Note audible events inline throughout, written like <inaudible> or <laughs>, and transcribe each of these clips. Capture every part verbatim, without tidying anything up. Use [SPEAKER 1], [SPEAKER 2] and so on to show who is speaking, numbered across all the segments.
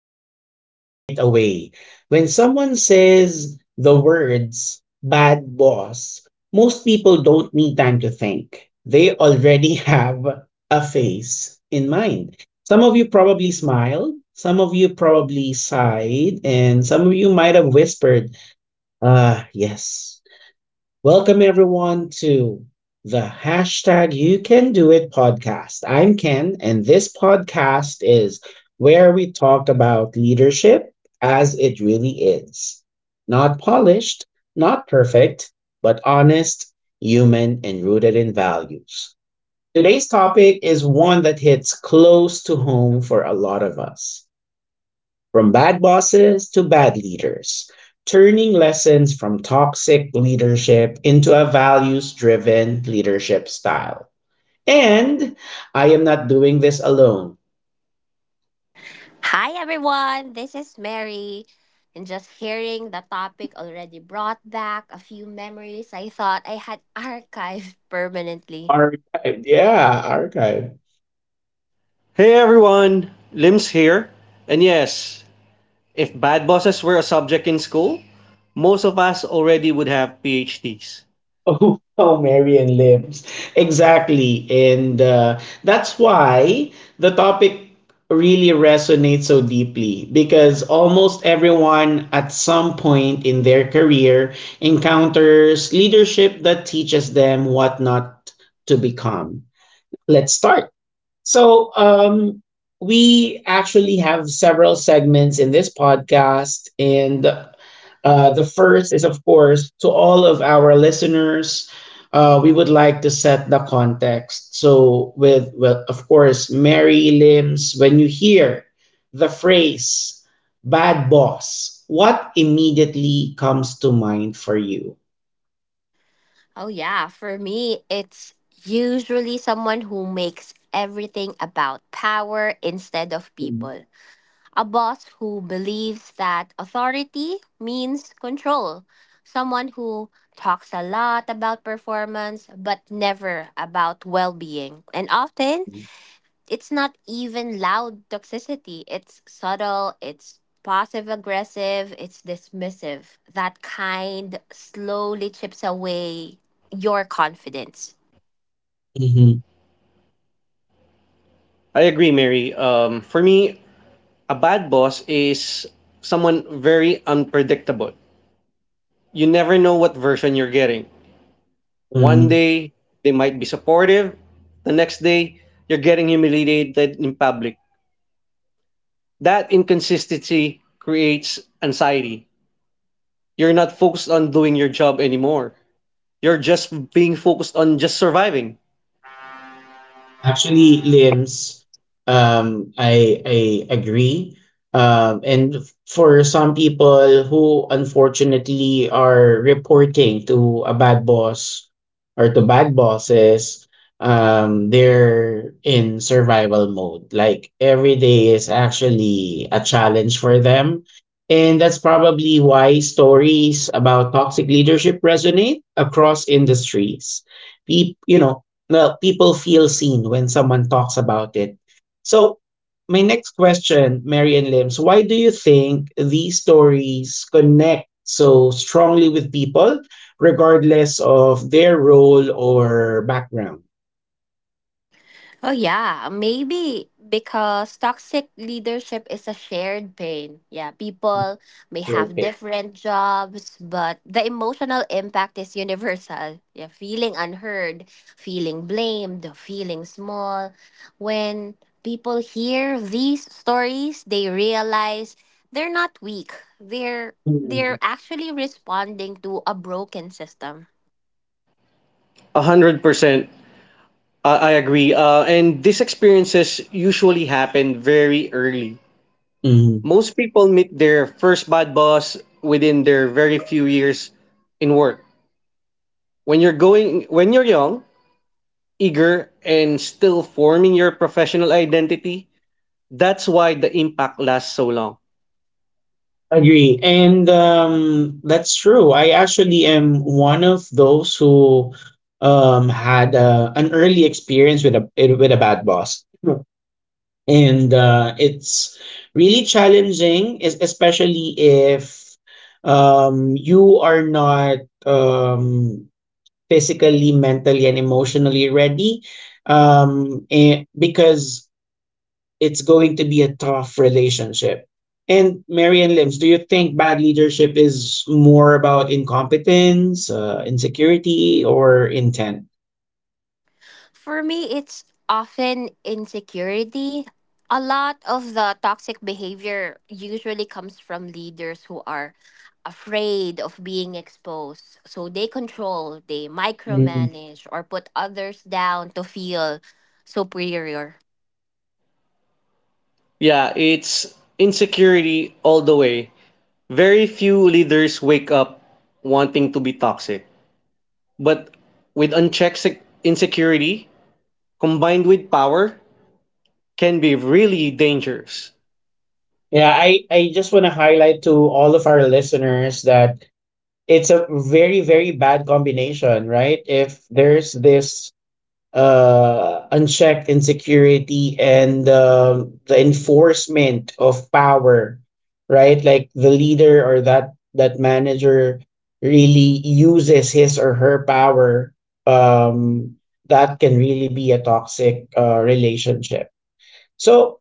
[SPEAKER 1] honest right away. When someone says the words bad boss, most people don't need time to think. They already <laughs> have a face in mind. Some of you probably smiled, some of you probably sighed, and some of you might have whispered, ah, yes. Welcome everyone to the hashtag You Can Do It podcast. I'm Ken, and this podcast is where we talk about leadership as it really is. Not polished, not perfect, but honest, human, and rooted in values. Today's topic is one that hits close to home for a lot of us, from bad bosses to bad leaders, turning lessons from toxic leadership into a values driven leadership style. And I am not doing this alone.
[SPEAKER 2] Hi everyone, this is Mary. And just hearing the topic already brought back a few memories I thought I had <laughs> archived permanently.
[SPEAKER 1] Archive, yeah, archive.
[SPEAKER 3] Hey everyone, Lims here. And yes, if bad bosses were a subject in school, most of us already would have PhDs.
[SPEAKER 1] Oh, <laughs> oh, Marian lives. Exactly. And uh, that's why the topic really resonates so deeply, because almost everyone at some point in their career encounters leadership that teaches them what not to become. Let's start. So, um, we actually have several segments in this podcast, and uh, the first is, of course, to all of our listeners, uh, we would like to set the context. So, with, well, of course, Mary Limbs, when you hear the phrase bad boss, what immediately comes to mind for you?
[SPEAKER 2] Oh, yeah, for me, it's usually someone who makes everything about power instead of
[SPEAKER 1] Mhm.
[SPEAKER 2] people. A boss who believes that authority means control. Someone who talks a lot about performance but never about well being. And often, it's not even loud toxicity. It's subtle, it's passive aggressive, it's dismissive. That kind slowly chips away your confidence.
[SPEAKER 3] I agree, Mary. Um, for me, a bad boss is someone very unpredictable. You never know what version you're getting. One
[SPEAKER 1] Mhm.
[SPEAKER 3] day, they might be supportive, the next day, you're getting humiliated in public. That inconsistency creates anxiety. You're not focused on doing your job anymore. You're just being focused on just surviving.
[SPEAKER 1] Actually, limbs, um, I I agree. Um, and for some people who unfortunately are reporting to a bad boss or to bad bosses, um, they're in survival mode. Like every day is actually a challenge for them. And that's probably why stories about toxic leadership resonate across industries. People, you know, well, people feel seen when someone talks about it. So, my next question, Mary and Lims, why do you think these stories connect so strongly with people, regardless of their role or background?
[SPEAKER 2] Oh, yeah. Maybe because toxic leadership is a shared pain. Yeah, people may
[SPEAKER 1] Your
[SPEAKER 2] have
[SPEAKER 1] pick.
[SPEAKER 2] different jobs, but the emotional impact is universal. Yeah, feeling unheard, feeling blamed, feeling small. When people hear these stories, they realize they're not weak. They're
[SPEAKER 1] Mm.
[SPEAKER 2] they're actually responding to a broken system.
[SPEAKER 3] A hundred percent. I I agree. Uh, and these experiences usually happen very early.
[SPEAKER 1] Mhm.
[SPEAKER 3] Most people meet their first bad boss within their very few years in work. When you're going, when you're young, eager, and still forming your professional identity, that's why the impact lasts so long.
[SPEAKER 1] Agree. And um, that's true. I actually am one of those who um, had uh, an early experience with a with a bad boss, and uh, it's really challenging, es- especially if um, you are not, um, physically, mentally, and emotionally ready, um, eh, because it's going to be a tough relationship. And Marian Limbs, do you think bad leadership is more about incompetence, uh, insecurity, or intent?
[SPEAKER 2] For me, it's often insecurity. A lot of the toxic behavior usually comes from leaders who are afraid of being exposed. So they control, they
[SPEAKER 1] Mm.
[SPEAKER 2] micromanage, or put others down to feel superior.
[SPEAKER 3] Yeah, it's insecurity all the way. Very few leaders wake up wanting to be toxic, but with unchecked sec- insecurity combined with power can be really dangerous.
[SPEAKER 1] Yeah, I, I just want to highlight to all of our listeners that it's a very very bad combination, right? If there's this uh unchecked insecurity and um the enforcement of power, right, like the leader or that that manager really uses his or her power, um that can really be a toxic uh, relationship. So,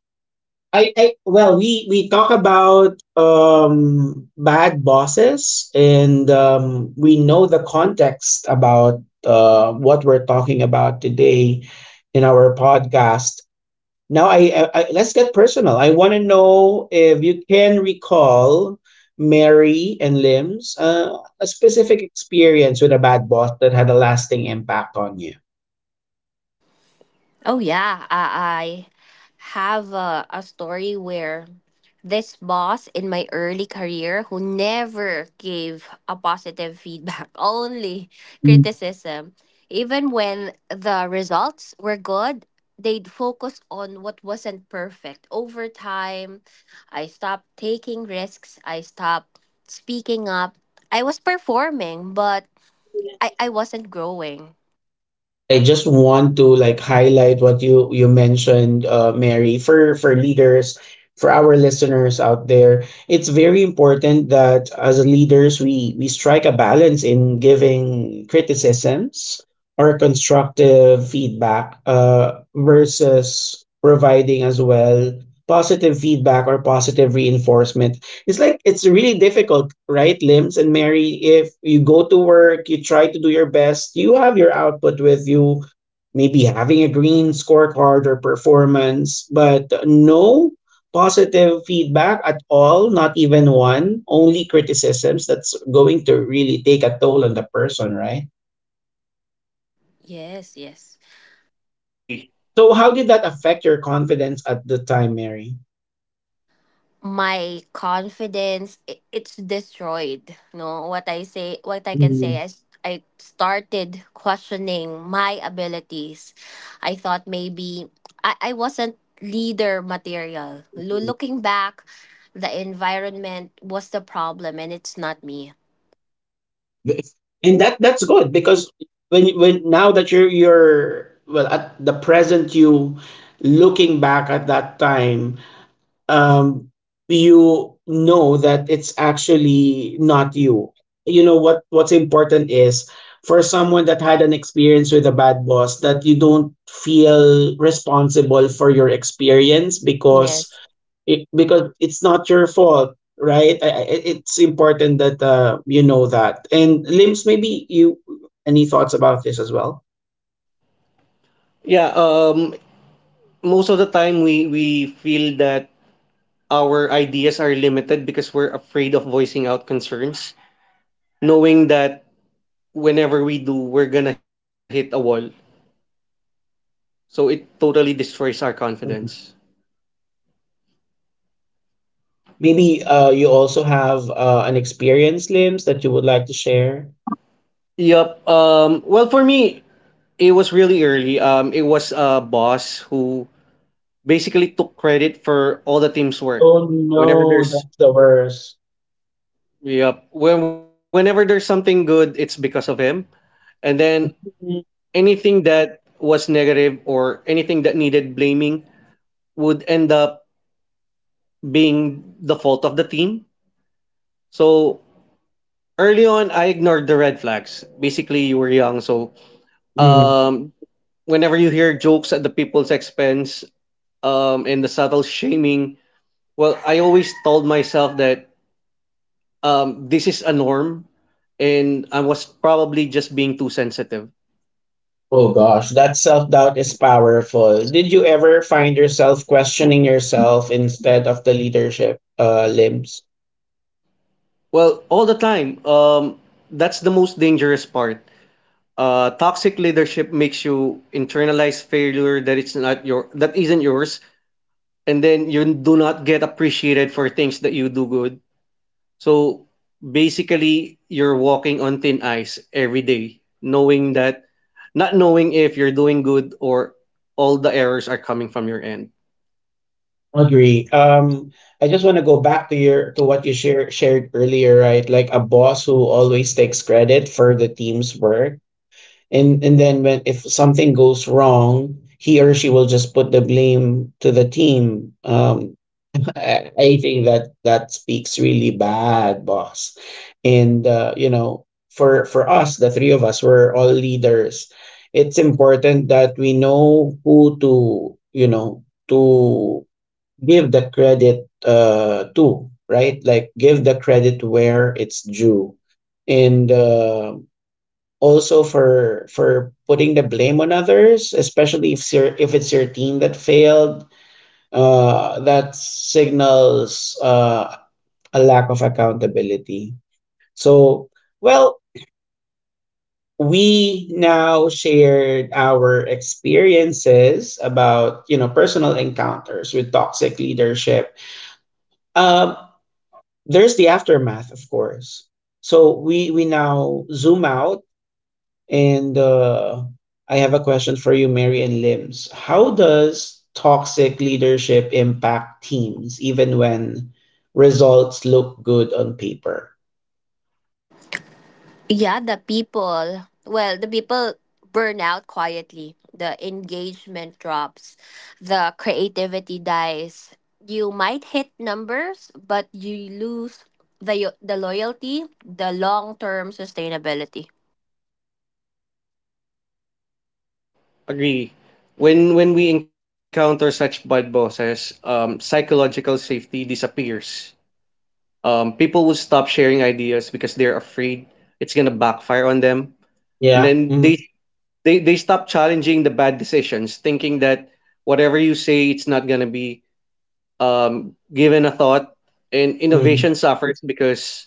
[SPEAKER 1] I, I well, we we talk about um bad bosses, and um we know the context about uh what we're talking about today in our podcast. Now, I, I, I let's get personal. I want to know if you can recall, Mary and Limbs, uh, a specific experience with a bad boss that had a lasting impact on you.
[SPEAKER 2] Oh yeah, I, I have a, a story where this boss in my early career who never gave a positive feedback, <laughs> only criticism. Even when the results were good, they'd focus on what wasn't perfect. Over time, I stopped taking risks. I stopped speaking up. I was performing, but I, I wasn't growing.
[SPEAKER 1] I just want to like highlight what you you mentioned, uh, Mary, for for leaders, for our listeners out there. It's very important that as leaders we we strike a balance in giving criticisms or constructive feedback, uh, versus providing as well positive feedback or positive reinforcement. It's like it's really difficult, right, Limbs and Mary? If you go to work, you try to do your best, you have your output with you, maybe having a green scorecard or performance, but no positive feedback at all, not even one, only criticisms, that's going to really take a toll on the person, right?
[SPEAKER 2] Yes, yes.
[SPEAKER 3] Yes, agree.
[SPEAKER 1] So how did that affect your confidence at the time, Mary?
[SPEAKER 2] My confidence, i- it's destroyed. No, what I say, what I can
[SPEAKER 1] Mhm.
[SPEAKER 2] say is I started questioning my abilities. I thought maybe i, I wasn't leader material. Lo- looking back, the environment was the problem, and it's not me.
[SPEAKER 1] and that that's good, because when when now that you're you're well, at the present, you, looking back at that time, um you know that it's actually not you. You know, what what's important is, for someone that had an experience with a bad boss, that you don't feel responsible for your experience, because
[SPEAKER 2] Yes.
[SPEAKER 1] it because it's not your fault, right? I, I, it's important that uh, you know that. And limbs, maybe you any thoughts about this as well?
[SPEAKER 3] Yeah, um most of the time we we feel that our ideas are limited because we're afraid of voicing out concerns, knowing that whenever we do, we're gonna hit a wall. So it totally destroys our confidence.
[SPEAKER 1] Mhm. Maybe uh, you also have uh, an experience, limbs, that you would like to share.
[SPEAKER 3] Yup. Um well, for me, it was really early. Um it was a boss who basically took credit for all the team's work.
[SPEAKER 1] Oh
[SPEAKER 3] Whenever
[SPEAKER 1] no,
[SPEAKER 3] there's
[SPEAKER 1] that's the worst.
[SPEAKER 3] yep, when Whenever there's something good, it's because of him. And then anything that was negative or anything that needed blaming would end up being the fault of the team. So early on, I ignored the red flags. Basically, you were young, so
[SPEAKER 1] Mhm.
[SPEAKER 3] um, whenever you hear jokes at the people's expense um, and the subtle shaming, well, I always told myself that um, this is a norm and I was probably just being too sensitive.
[SPEAKER 1] Oh gosh, that self doubt is powerful. Did you ever find yourself questioning yourself instead of the leadership uh, limbs?
[SPEAKER 3] Well, all the time, um, that's the most dangerous part. Uh, toxic leadership makes you internalize failure that it's not your that isn't yours, and then you do not get appreciated for things that you do good. So basically, you're walking on thin ice every day, knowing that, not knowing if you're doing good or all the errors are coming from your end.
[SPEAKER 1] Agree. Um, I just want to go back to your to what you share, shared earlier, right? Like a boss who always takes credit for the team's work, and and then when if something goes wrong, he or she will just put the blame to the team. Um, I, I think that that speaks really bad, boss. And uh, you know, for for us, the three of us, we're all leaders. It's important that we know who to, you know, to give the credit uh to, right? Like, give the credit where it's due. And uh, also, for for putting the blame on others, especially if your if it's your team that failed, uh, that signals uh, a lack of accountability. So, well, we now shared our experiences about, you know personal encounters with toxic leadership. Um, there's the aftermath, of course. So we we now zoom out. And uh, I have a question for you, Mary and Limbs. How does toxic leadership impact teams, even when results look good on paper?
[SPEAKER 4] Yeah, the people, well, the people burn out quietly. The engagement drops, the creativity dies. You might hit numbers, but you lose the the loyalty, the long-term sustainability.
[SPEAKER 3] Agree. When when we encounter such bad bosses, um, psychological safety disappears. Um, people will stop sharing ideas because they're afraid it's gonna backfire on them, and
[SPEAKER 1] Yeah.
[SPEAKER 3] then
[SPEAKER 1] Mhm.
[SPEAKER 3] they they they stop challenging the bad decisions, thinking that whatever you say, it's not gonna be um, given a thought. And
[SPEAKER 1] Mhm.
[SPEAKER 3] innovation suffers because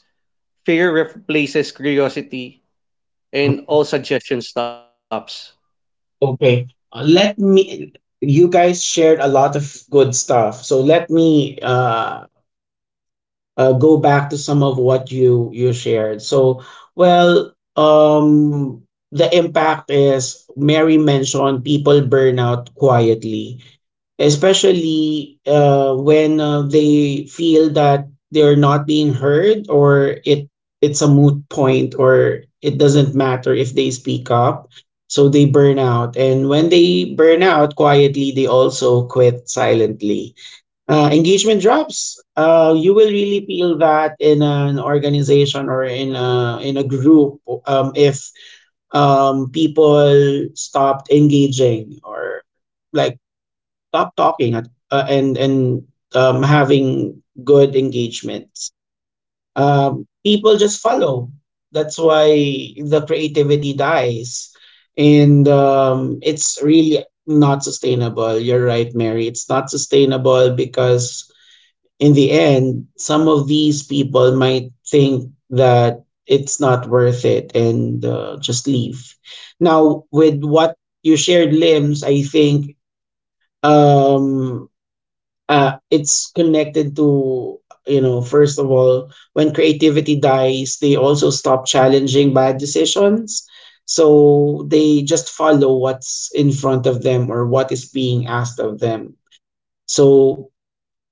[SPEAKER 3] fear replaces curiosity, and all suggestion stops.
[SPEAKER 1] Okay. Uh, Let me, you guys shared a lot of good stuff. So let me, uh, uh, go back to some of what you you shared. So, well, um, the impact is, Mary mentioned, people burn out quietly, especially uh, when uh, they feel that they're not being heard, or it it's a moot point, or it doesn't matter if they speak up, so they burn out. And when they burn out quietly, they also quit silently. Uh, engagement drops. Uh, you will really feel that in an organization, or in a in a group, um, if um, people stopped engaging, or like stop talking at, uh, and and um, having good engagements, um, people just follow. That's why the creativity dies, and um, it's really not sustainable. You're right, Mary. It's not sustainable, because in the end, some of these people might think that it's not worth it, and uh, just leave. Now, with what you shared, limbs, I think, um uh, it's connected to, you know first of all, when creativity dies, they also stop challenging bad decisions, so they just follow what's in front of them or what is being asked of them. So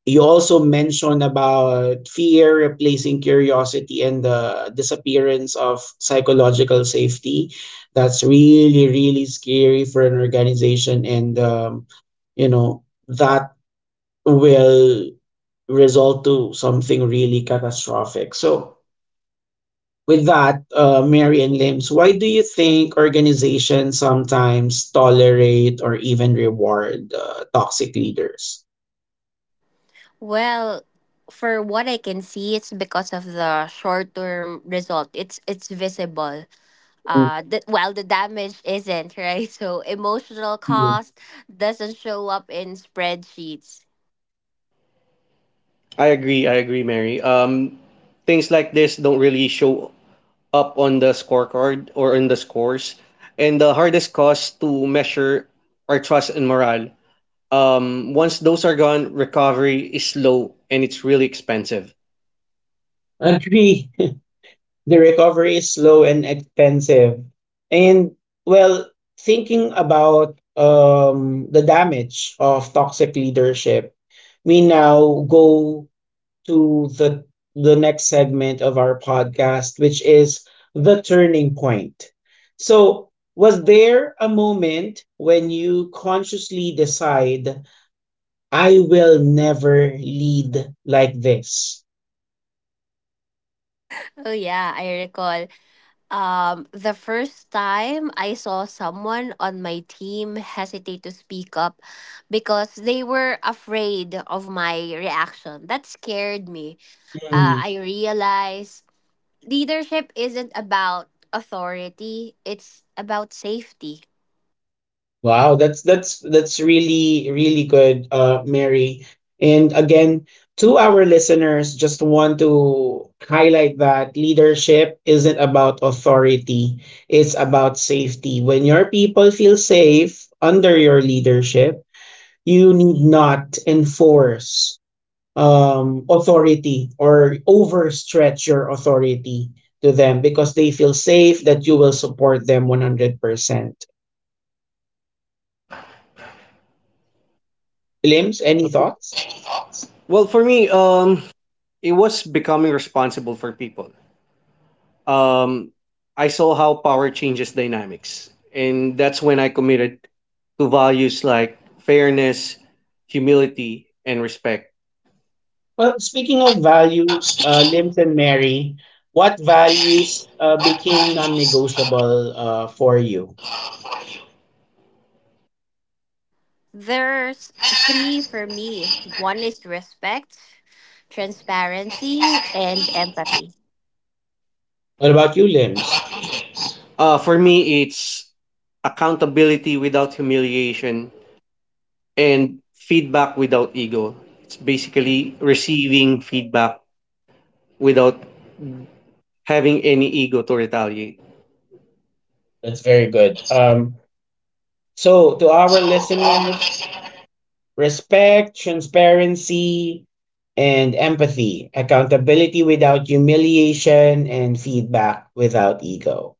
[SPEAKER 1] you also mentioned about fear replacing curiosity and the disappearance of psychological safety. That's really really scary for an organization, and um, you know that will result to something really catastrophic. So, with that, uh, Mary and Limbs, why do you think organizations sometimes tolerate or even reward uh, toxic leaders?
[SPEAKER 4] Well, for what I can see, it's because of the short-term result. It's it's visible.
[SPEAKER 1] Thank
[SPEAKER 4] Uh, the, well, the damage isn't <laughs> right. So emotional
[SPEAKER 1] you.
[SPEAKER 4] cost doesn't show up in spreadsheets.
[SPEAKER 3] I agree. I agree, Mary. Um, things like this don't really show up on the scorecard or on the scores. And the hardest cost to measure are trust and morale. Um, once those are gone, recovery is slow and it's really expensive.
[SPEAKER 1] Agree. <laughs> The recovery is slow and expensive. And, well, thinking about um, the damage of toxic leadership, we now go to the the next segment of our podcast, which is the turning point. So, was there a moment when you consciously decide, I will never lead like this?
[SPEAKER 4] Oh yeah, I recall. Um, the first time I saw someone on my team hesitate to speak up because they were afraid of my reaction. That scared me. Uh, I realized leadership isn't about authority; it's about safety.
[SPEAKER 1] Wow, that's that's that's really really good, uh, Mary. And again, to our listeners, just want to highlight that leadership isn't about authority; it's about safety. When your people feel safe under your leadership, you need not enforce um, authority or overstretch your authority to them, because they feel safe that you will support them one hundred percent. Limbs, any
[SPEAKER 3] Okay.
[SPEAKER 1] thoughts?
[SPEAKER 3] Well, for me, um, it was becoming responsible for people. Um, I saw how power changes dynamics, and that's when I committed to values like fairness, humility, and respect.
[SPEAKER 1] Well, speaking of values, uh, Limp and Mary, what values uh, became non-negotiable uh, for you?
[SPEAKER 4] There's three for me. One is respect, transparency, and empathy.
[SPEAKER 1] What about you, Limbs?
[SPEAKER 3] Uh, for me, it's accountability without humiliation, and feedback without ego. It's basically receiving feedback without having any ego to retaliate.
[SPEAKER 1] That's very good. Um, so to our listeners: respect, transparency, and empathy; accountability without humiliation; and feedback without ego.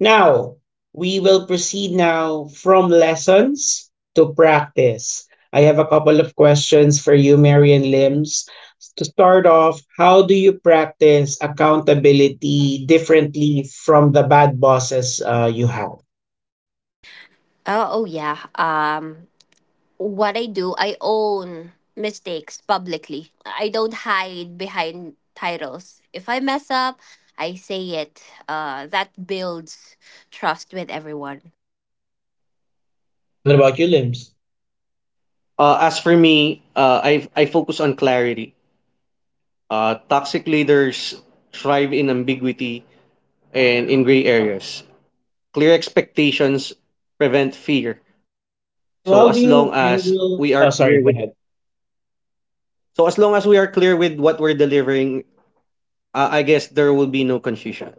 [SPEAKER 1] Now, we will proceed now from lessons to practice. I have a couple of questions for you, Marian Limbs. To start off, how do you practice accountability differently from the bad bosses uh, you have?
[SPEAKER 4] Oh, oh yeah. Um, what I do, I own mistakes publicly. I don't hide behind titles. If I mess up, I say it. Uh, that builds trust with everyone.
[SPEAKER 1] What about you, Limbs?
[SPEAKER 3] Uh, as for me, uh, I I focus on clarity. Uh, toxic leaders thrive in ambiguity and in gray areas. Clear expectations prevent fear. So as
[SPEAKER 1] So,
[SPEAKER 3] long
[SPEAKER 1] how do
[SPEAKER 3] as
[SPEAKER 1] you
[SPEAKER 3] we are
[SPEAKER 1] handle?
[SPEAKER 3] clear
[SPEAKER 1] Oh,
[SPEAKER 3] with
[SPEAKER 1] sorry, go ahead.
[SPEAKER 3] so as long as we are clear with what we're delivering, uh, I guess there will be no confusion.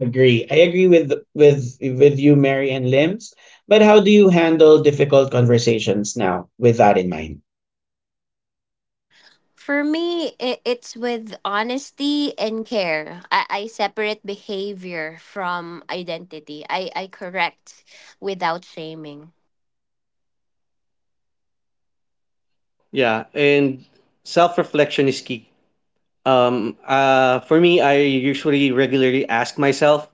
[SPEAKER 1] Agree. I agree with with with you, Mary and Limbs. But how do you handle difficult conversations now with that in mind?
[SPEAKER 4] For me, I it's with honesty and care. I, I separate behavior from identity. I, I correct without shaming.
[SPEAKER 3] Yeah, and self reflection is key. Um, uh, for me, I usually regularly ask myself,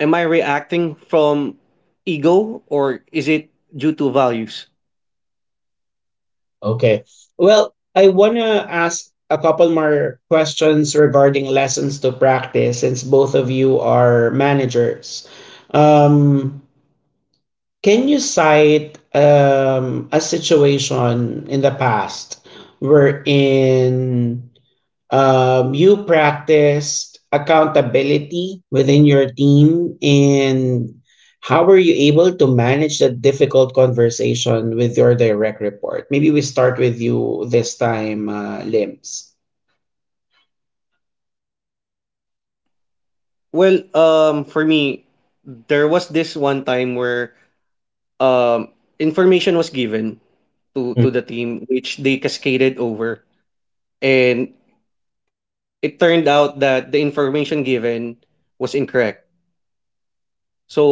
[SPEAKER 3] am I reacting from ego or is it due to values?
[SPEAKER 1] Okay. Well, I wanna ask a couple more questions regarding lessons to practice, since both of you are managers. Um, can you cite, um, a situation in the past wherein, um, you practiced accountability within your team, and how were you able to manage that difficult conversation with your direct report? Maybe we start with you this time, uh, Limbs.
[SPEAKER 3] Well, um, for me, there was this one time where um, information was given to,
[SPEAKER 1] Mm.
[SPEAKER 3] to the team, which they cascaded over. And it turned out that the information given was incorrect. So,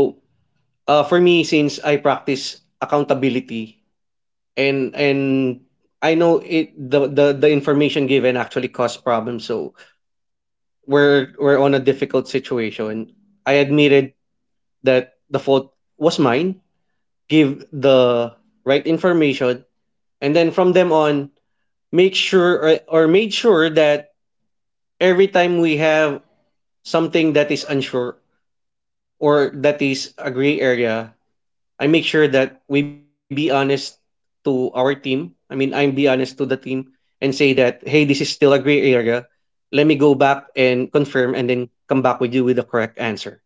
[SPEAKER 3] uh, for me, since I practice accountability and and I know it the the, the information given actually caused problems. So we're we're on a difficult situation. I admitted that the fault was mine. Give the right information, and then from them on, make sure or, or made sure that every time we have something that is unsure or that is a gray area, I make sure that we be honest to our team. I mean, I'm be honest to the team and say that, hey, this is still a gray area. Let me go back and confirm and then come back with you with the correct answer.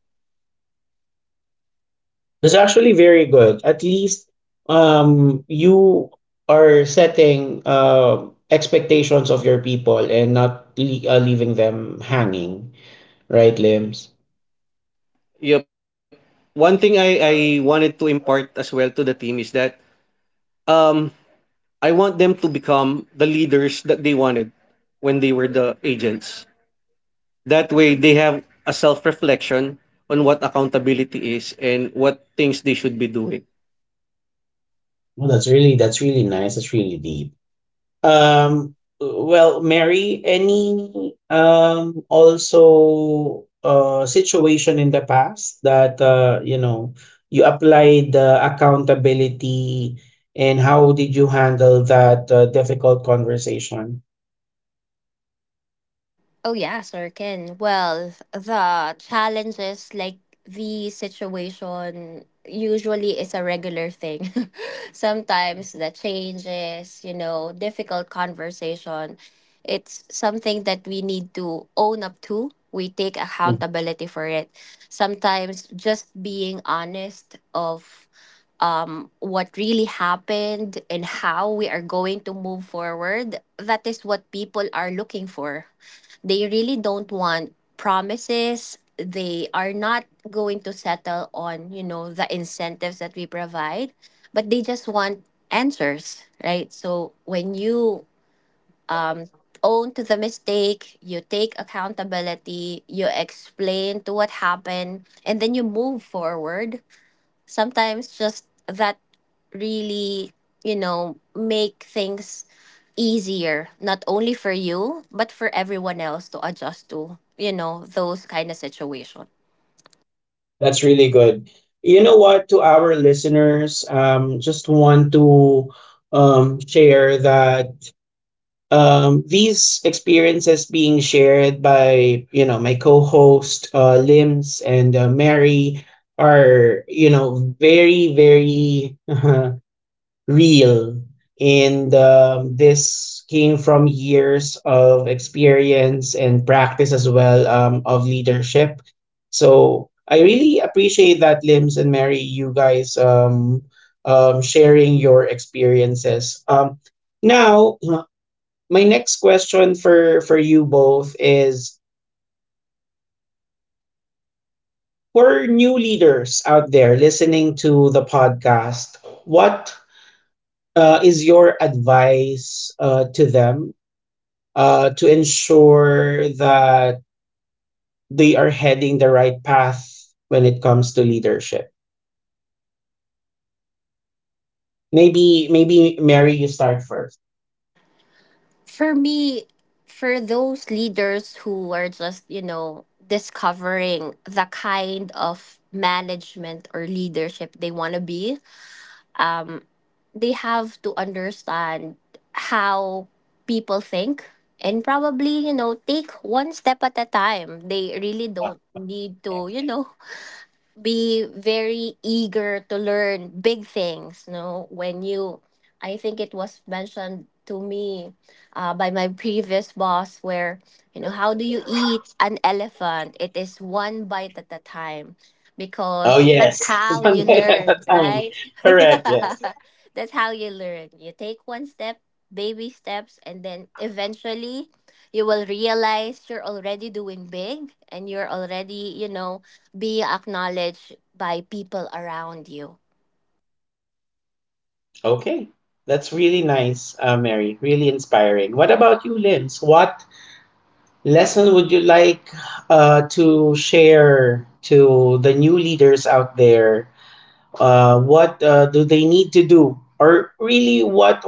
[SPEAKER 1] That's actually very good. At least um, you are setting uh, expectations of your people and not le- uh, leaving them hanging, right, Limbs?
[SPEAKER 3] Yep. One thing I, I wanted to impart as well to the team is that um, I want them to become the leaders that they wanted when they were the agents. That way, they have a self reflection on what accountability is and what things they should be doing.
[SPEAKER 1] Well, that's really that's really nice. That's really deep. Um, well, Mary, any um also uh situation in the past that uh you know you applied the accountability, and how did you handle that uh, difficult conversation?
[SPEAKER 4] Oh yeah, sure can. Well, the challenges like the situation usually is a regular thing. <laughs> Sometimes the changes, you know, difficult conversation, it's something that we need to own up to. We take accountability for it. Sometimes just being honest of um, what really happened and how we are going to move forward, that is what people are looking for. They really don't want promises. They are not going to settle on, you know, the incentives that we provide, but they just want answers, right? So when you own to the mistake, you take accountability, you explain to what happened, and then you move forward, sometimes just that really, you know, make things easier not only for you but for everyone else to adjust to, you know, those kind of situation.
[SPEAKER 1] That's really good. You know what, to our listeners, um, just want to um, share that um, these experiences being shared by, you know, my co-host uh, Lims and uh, Mary are, you know, very, very <laughs> real. And um, this came from years of experience and practice as well um, of leadership. So I really appreciate that, Limbs and Mary, you guys um, um, sharing your experiences. Um, now, my next question for, for you both is for new leaders out there listening to the podcast, what uh, is your advice uh, to them uh, to ensure that they are heading the right path when it comes to leadership. Maybe, maybe Mary, you start first.
[SPEAKER 4] For me, for those leaders who are just, you know, discovering the kind of management or leadership they want to be, um, they have to understand how people think, and probably, you know, take one step at a time. They really don't need
[SPEAKER 1] Okay.
[SPEAKER 4] to, you know, be very eager to learn big things. No, when you, I think it was mentioned to me uh, by my previous boss, where, you know, how do you eat an elephant? It is one bite at a time,
[SPEAKER 1] Oh
[SPEAKER 4] because that's
[SPEAKER 1] yes, <laughs>
[SPEAKER 4] how
[SPEAKER 1] one
[SPEAKER 4] you
[SPEAKER 1] day at
[SPEAKER 4] learn,
[SPEAKER 1] a time.
[SPEAKER 4] right? <laughs>
[SPEAKER 1] Correct. Yes.
[SPEAKER 4] Yeah, that's how you learn. You take one step, baby steps, and then eventually you will realize you're already doing big and you're already, you know, be acknowledged by people around you.
[SPEAKER 1] Okay, that's really nice, uh, Mary. Really inspiring. What about you, Lims? What lesson would you like uh, to share to the new leaders out there, uh, what uh, do they need to do, or really what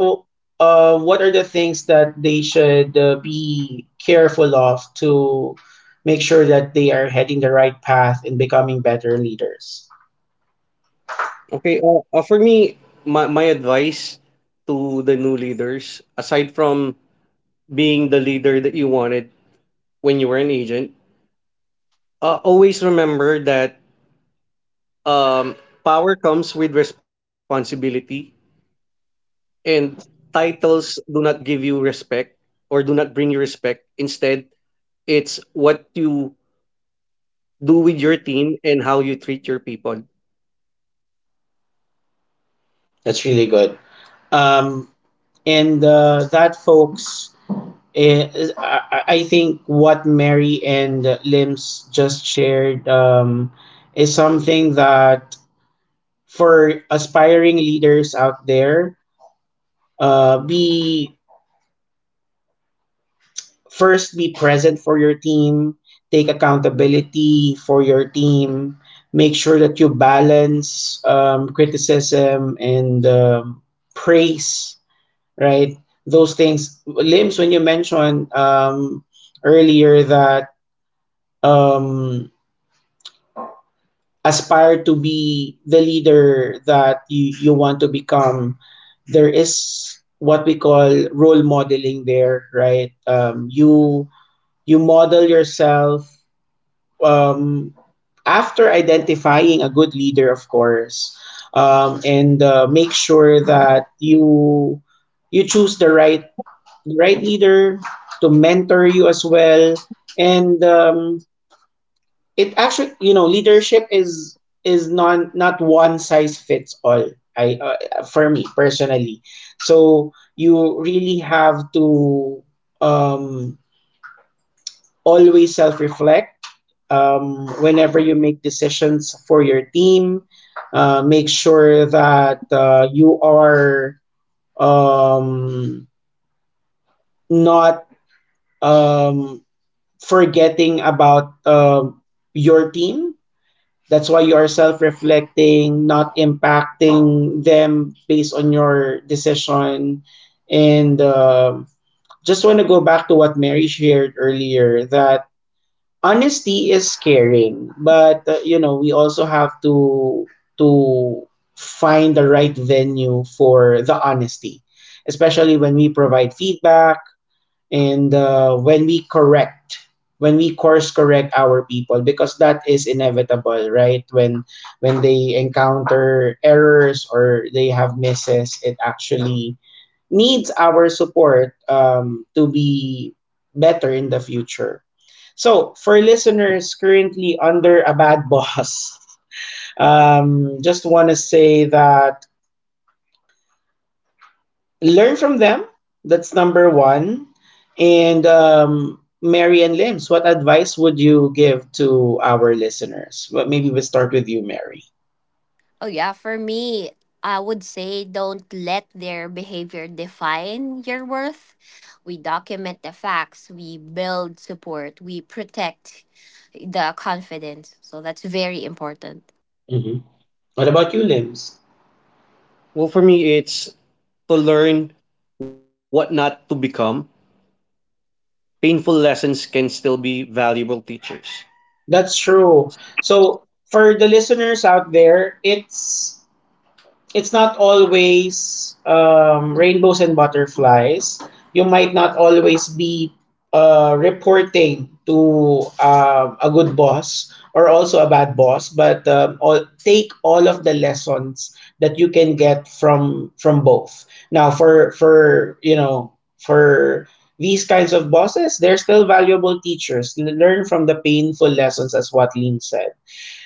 [SPEAKER 1] uh, what are the things that they should uh, be careful of to make sure that they are heading the right path in becoming better leaders?
[SPEAKER 3] Okay, uh, uh, for me, my, my advice to the new leaders, aside from being the leader that you wanted when you were an agent, uh, always remember that um, power comes with responsibility, and titles do not give you respect or do not bring you respect. Instead, it's what you do with your team and how you treat your people.
[SPEAKER 1] That's really good. um, and uh, that folks, eh, is, I, I think what Mary and Lims just shared um, is something that for aspiring leaders out there. Uh, be first, be present for your team. Take accountability for your team. Make sure that you balance um, criticism and um, praise. Right, those things. Limbs, when you mentioned um, earlier that um, aspire to be the leader that you, you want to become, there is what we call role modeling there, right? Um, you you model yourself um, after identifying a good leader, of course, um, and uh, make sure that you you choose the right the right leader to mentor you as well, and um, it actually, you know, leadership is is not not one size fits all. I, uh, for me personally, so you really have to um always self reflect um whenever you make decisions for your team. Uh, make sure that uh, you are um not um forgetting about um your team. That's why you are self reflecting, not impacting them based on your decision. And um just want to go back to what Mary shared earlier that honesty is caring, but uh, you know, we also have to to find the right venue for the honesty, especially when we provide feedback, and uh, when we correct, when we course correct our people, because that is inevitable, right? when when they encounter errors or they have misses, it actually needs our support um, to be better in the future. So for listeners currently under a bad boss, <laughs> um, just want to say that learn from them. That's number one. And um, Mary and Lims, what advice would you give to our listeners? Well, maybe we start with you, Mary.
[SPEAKER 4] Oh, yeah, for me, I would say don't let their behavior define your worth. We document the facts, we build support, we protect the confidence. So that's very important.
[SPEAKER 1] Hmm. What about you, Lims?
[SPEAKER 3] Well, for me, it's to learn what not to become. Painful lessons can still be valuable teachers.
[SPEAKER 1] That's true. So for the listeners out there, it's it's not always um, rainbows and butterflies. You might not always be uh, reporting to uh, a good boss or also a bad boss, but um, all, take all of the lessons that you can get from from both. Now, for for you know for these kinds of bosses, they're still valuable teachers. Learn from the painful lessons, as what Lin said.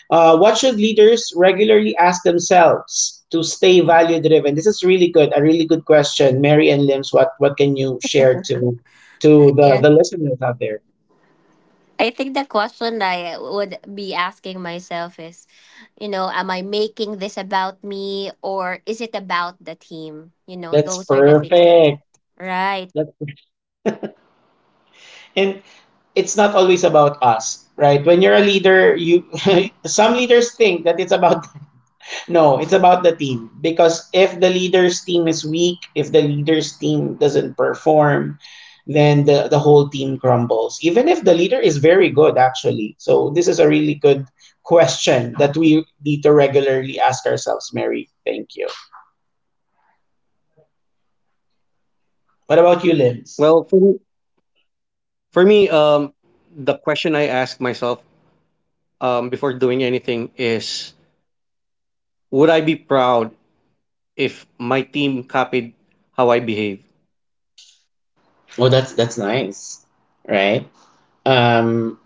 [SPEAKER 1] Uh, what should leaders regularly ask themselves to stay value driven? This is really good, a really good question, Mary and Lims. What what can you share to to the
[SPEAKER 4] Yeah.
[SPEAKER 1] the listeners out there?
[SPEAKER 4] I think the question I would be asking myself is, you know, am I making this about me or is it about the team? You know,
[SPEAKER 1] That's
[SPEAKER 4] those are the things that.
[SPEAKER 1] perfect.
[SPEAKER 4] Right.
[SPEAKER 1] That's, and it's not always about us, right? When you're a leader, you <laughs> some leaders think that it's about, no, it's about the team. Because if the leader's team is weak, if the leader's team doesn't perform, then the, the whole team crumbles. Even if the leader is very good, actually. So, this is a really good question that we need to regularly ask ourselves, Mary. Thank you. What about you, Lims?
[SPEAKER 3] Well, for me, for me um, the question I ask myself um, before doing anything is would I be proud if my team copied how I behave?
[SPEAKER 1] Well, that's that's nice, right? Um,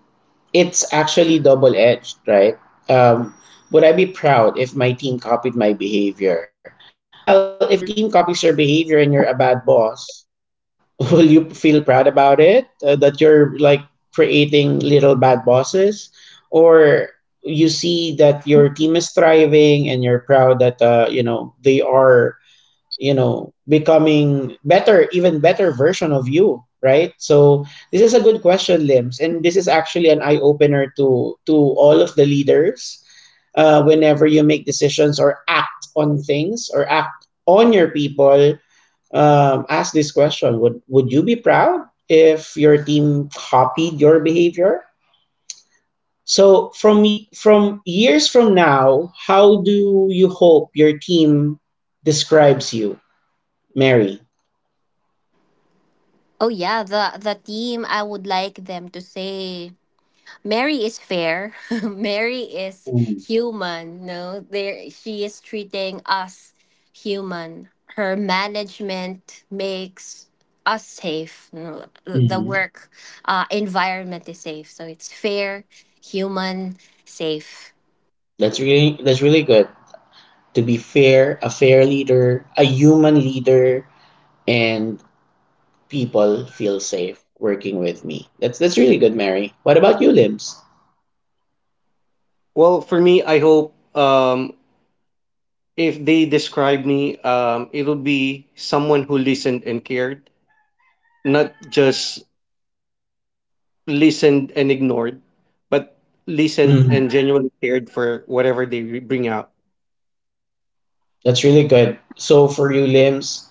[SPEAKER 1] it's actually double edged, right? Um, would I be proud if my team copied my behavior? Well, if your team copies your behavior and you're a bad boss, <laughs> will you feel proud about it? Uh, that you're like creating little bad bosses? Or you see that your team is thriving and you're proud that, uh, you know, they are, you know, becoming better, even better version of you, right? So this is a good question, Limbs, and this is actually an eye opener to to all of the leaders, uh, whenever you make decisions or act on things or act on your people, um, ask this question: would would you be proud if your team copied your behavior? So from y- from years from now, how do you hope your team describes you, Mary?
[SPEAKER 4] Oh yeah, the the team I would like them to say Mary is fair. <laughs> Mary is human. No, there she is treating us human. Her management makes us safe. You the the
[SPEAKER 1] Mhm.
[SPEAKER 4] work uh, environment is safe, so it's fair, human, safe.
[SPEAKER 1] That's really that's really good. To be fair, a fair leader, a human leader, and people feel safe working with me. That's that's really good, Mary. What about you, Limbs?
[SPEAKER 3] Well, for me, I hope um, if they describe me, um, it'll be someone who listened and cared, not just listened and ignored, but listened
[SPEAKER 1] Mhm.
[SPEAKER 3] and genuinely cared for whatever they bring out.
[SPEAKER 1] That's really good. So for you, Limbs,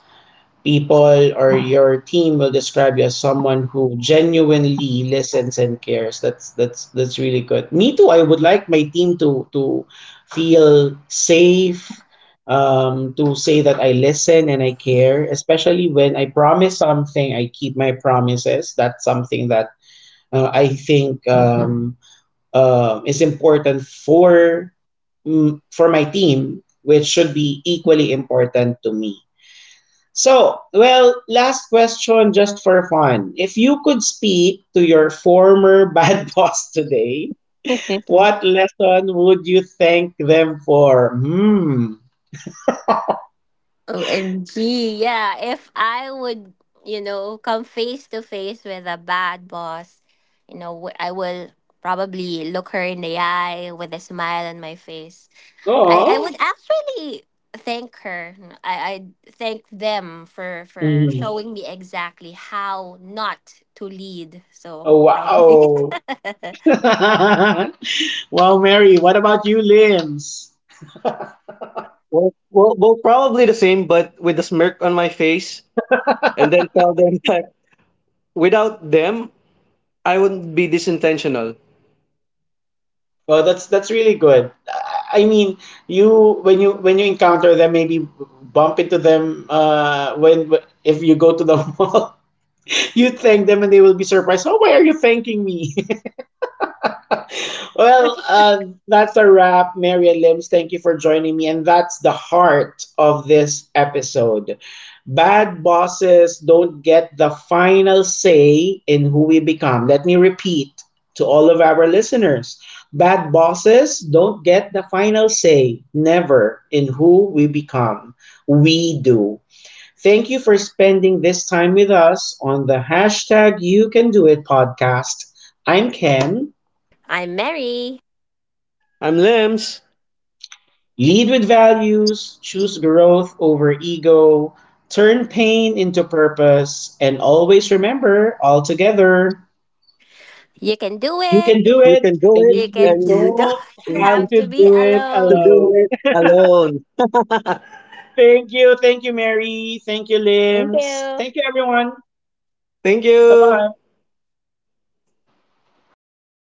[SPEAKER 1] people or your team will describe you as someone who genuinely listens and cares. That's that's that's really good. Me too. I would like my team to to feel safe, um, to say that I listen and I care, especially when I promise something, I keep my promises. That's something that uh, I think um, uh, is important for, mm, for my team, which should be equally important to me. So, well, last question just for fun. If you could speak to your former bad <laughs> boss today,
[SPEAKER 4] <laughs>
[SPEAKER 1] what lesson would you thank them for? Hmm.
[SPEAKER 4] O M G, yeah. If I would, you know, come face to face with a bad boss, you know, w- I will probably look her in the eye with a smile on my face. I, I would
[SPEAKER 1] Oh.
[SPEAKER 4] actually thank her. I, I thank them for, for
[SPEAKER 1] Mhm.
[SPEAKER 4] showing me exactly how not to lead. So
[SPEAKER 1] Oh,
[SPEAKER 4] probably. <laughs>
[SPEAKER 1] wow. <laughs> Wow, Mary, what about you, Limbs?
[SPEAKER 3] Well, well, well, probably the same, but with a smirk on my face, and then tell them <laughs> that without them, I wouldn't be this intentional.
[SPEAKER 1] Well, that's that's really good. I I mean, you when you when you encounter them, maybe bump into them uh, when if you go to the <laughs> mall, you thank them and they will be surprised. Oh, why are you thanking me? <laughs> Well, uh, that's a wrap, Mary and Limbs. Thank you for joining me. And that's the heart of this episode. Bad bosses don't get the final say in who we become. Let me repeat to all of our listeners, bad bosses don't get the final say, never, in who we become. We do. Thank you for spending this time with us on the hashtag You Can Do It podcast. I'm Ken.
[SPEAKER 4] I'm Mary.
[SPEAKER 3] I'm Lems.
[SPEAKER 1] Lead with values, choose growth over ego, turn pain into purpose, and always remember, all together,
[SPEAKER 4] You can do
[SPEAKER 1] you
[SPEAKER 3] You
[SPEAKER 4] it.
[SPEAKER 1] can
[SPEAKER 3] can
[SPEAKER 1] do
[SPEAKER 3] do
[SPEAKER 1] it,
[SPEAKER 3] it,
[SPEAKER 1] and
[SPEAKER 4] You
[SPEAKER 1] you
[SPEAKER 3] and
[SPEAKER 4] can
[SPEAKER 3] you
[SPEAKER 4] <laughs> don't
[SPEAKER 1] don't
[SPEAKER 3] need
[SPEAKER 1] have
[SPEAKER 4] have
[SPEAKER 1] to
[SPEAKER 4] to be
[SPEAKER 1] do it
[SPEAKER 3] to
[SPEAKER 4] alone.
[SPEAKER 3] do
[SPEAKER 1] alone.
[SPEAKER 3] it alone.
[SPEAKER 1] Thank you. Thank you, Mary. Thank you,
[SPEAKER 4] Thank
[SPEAKER 1] Limbs.
[SPEAKER 4] you.
[SPEAKER 1] Thank you, everyone.
[SPEAKER 3] <laughs> Thank
[SPEAKER 1] Bye
[SPEAKER 3] you.
[SPEAKER 1] bye.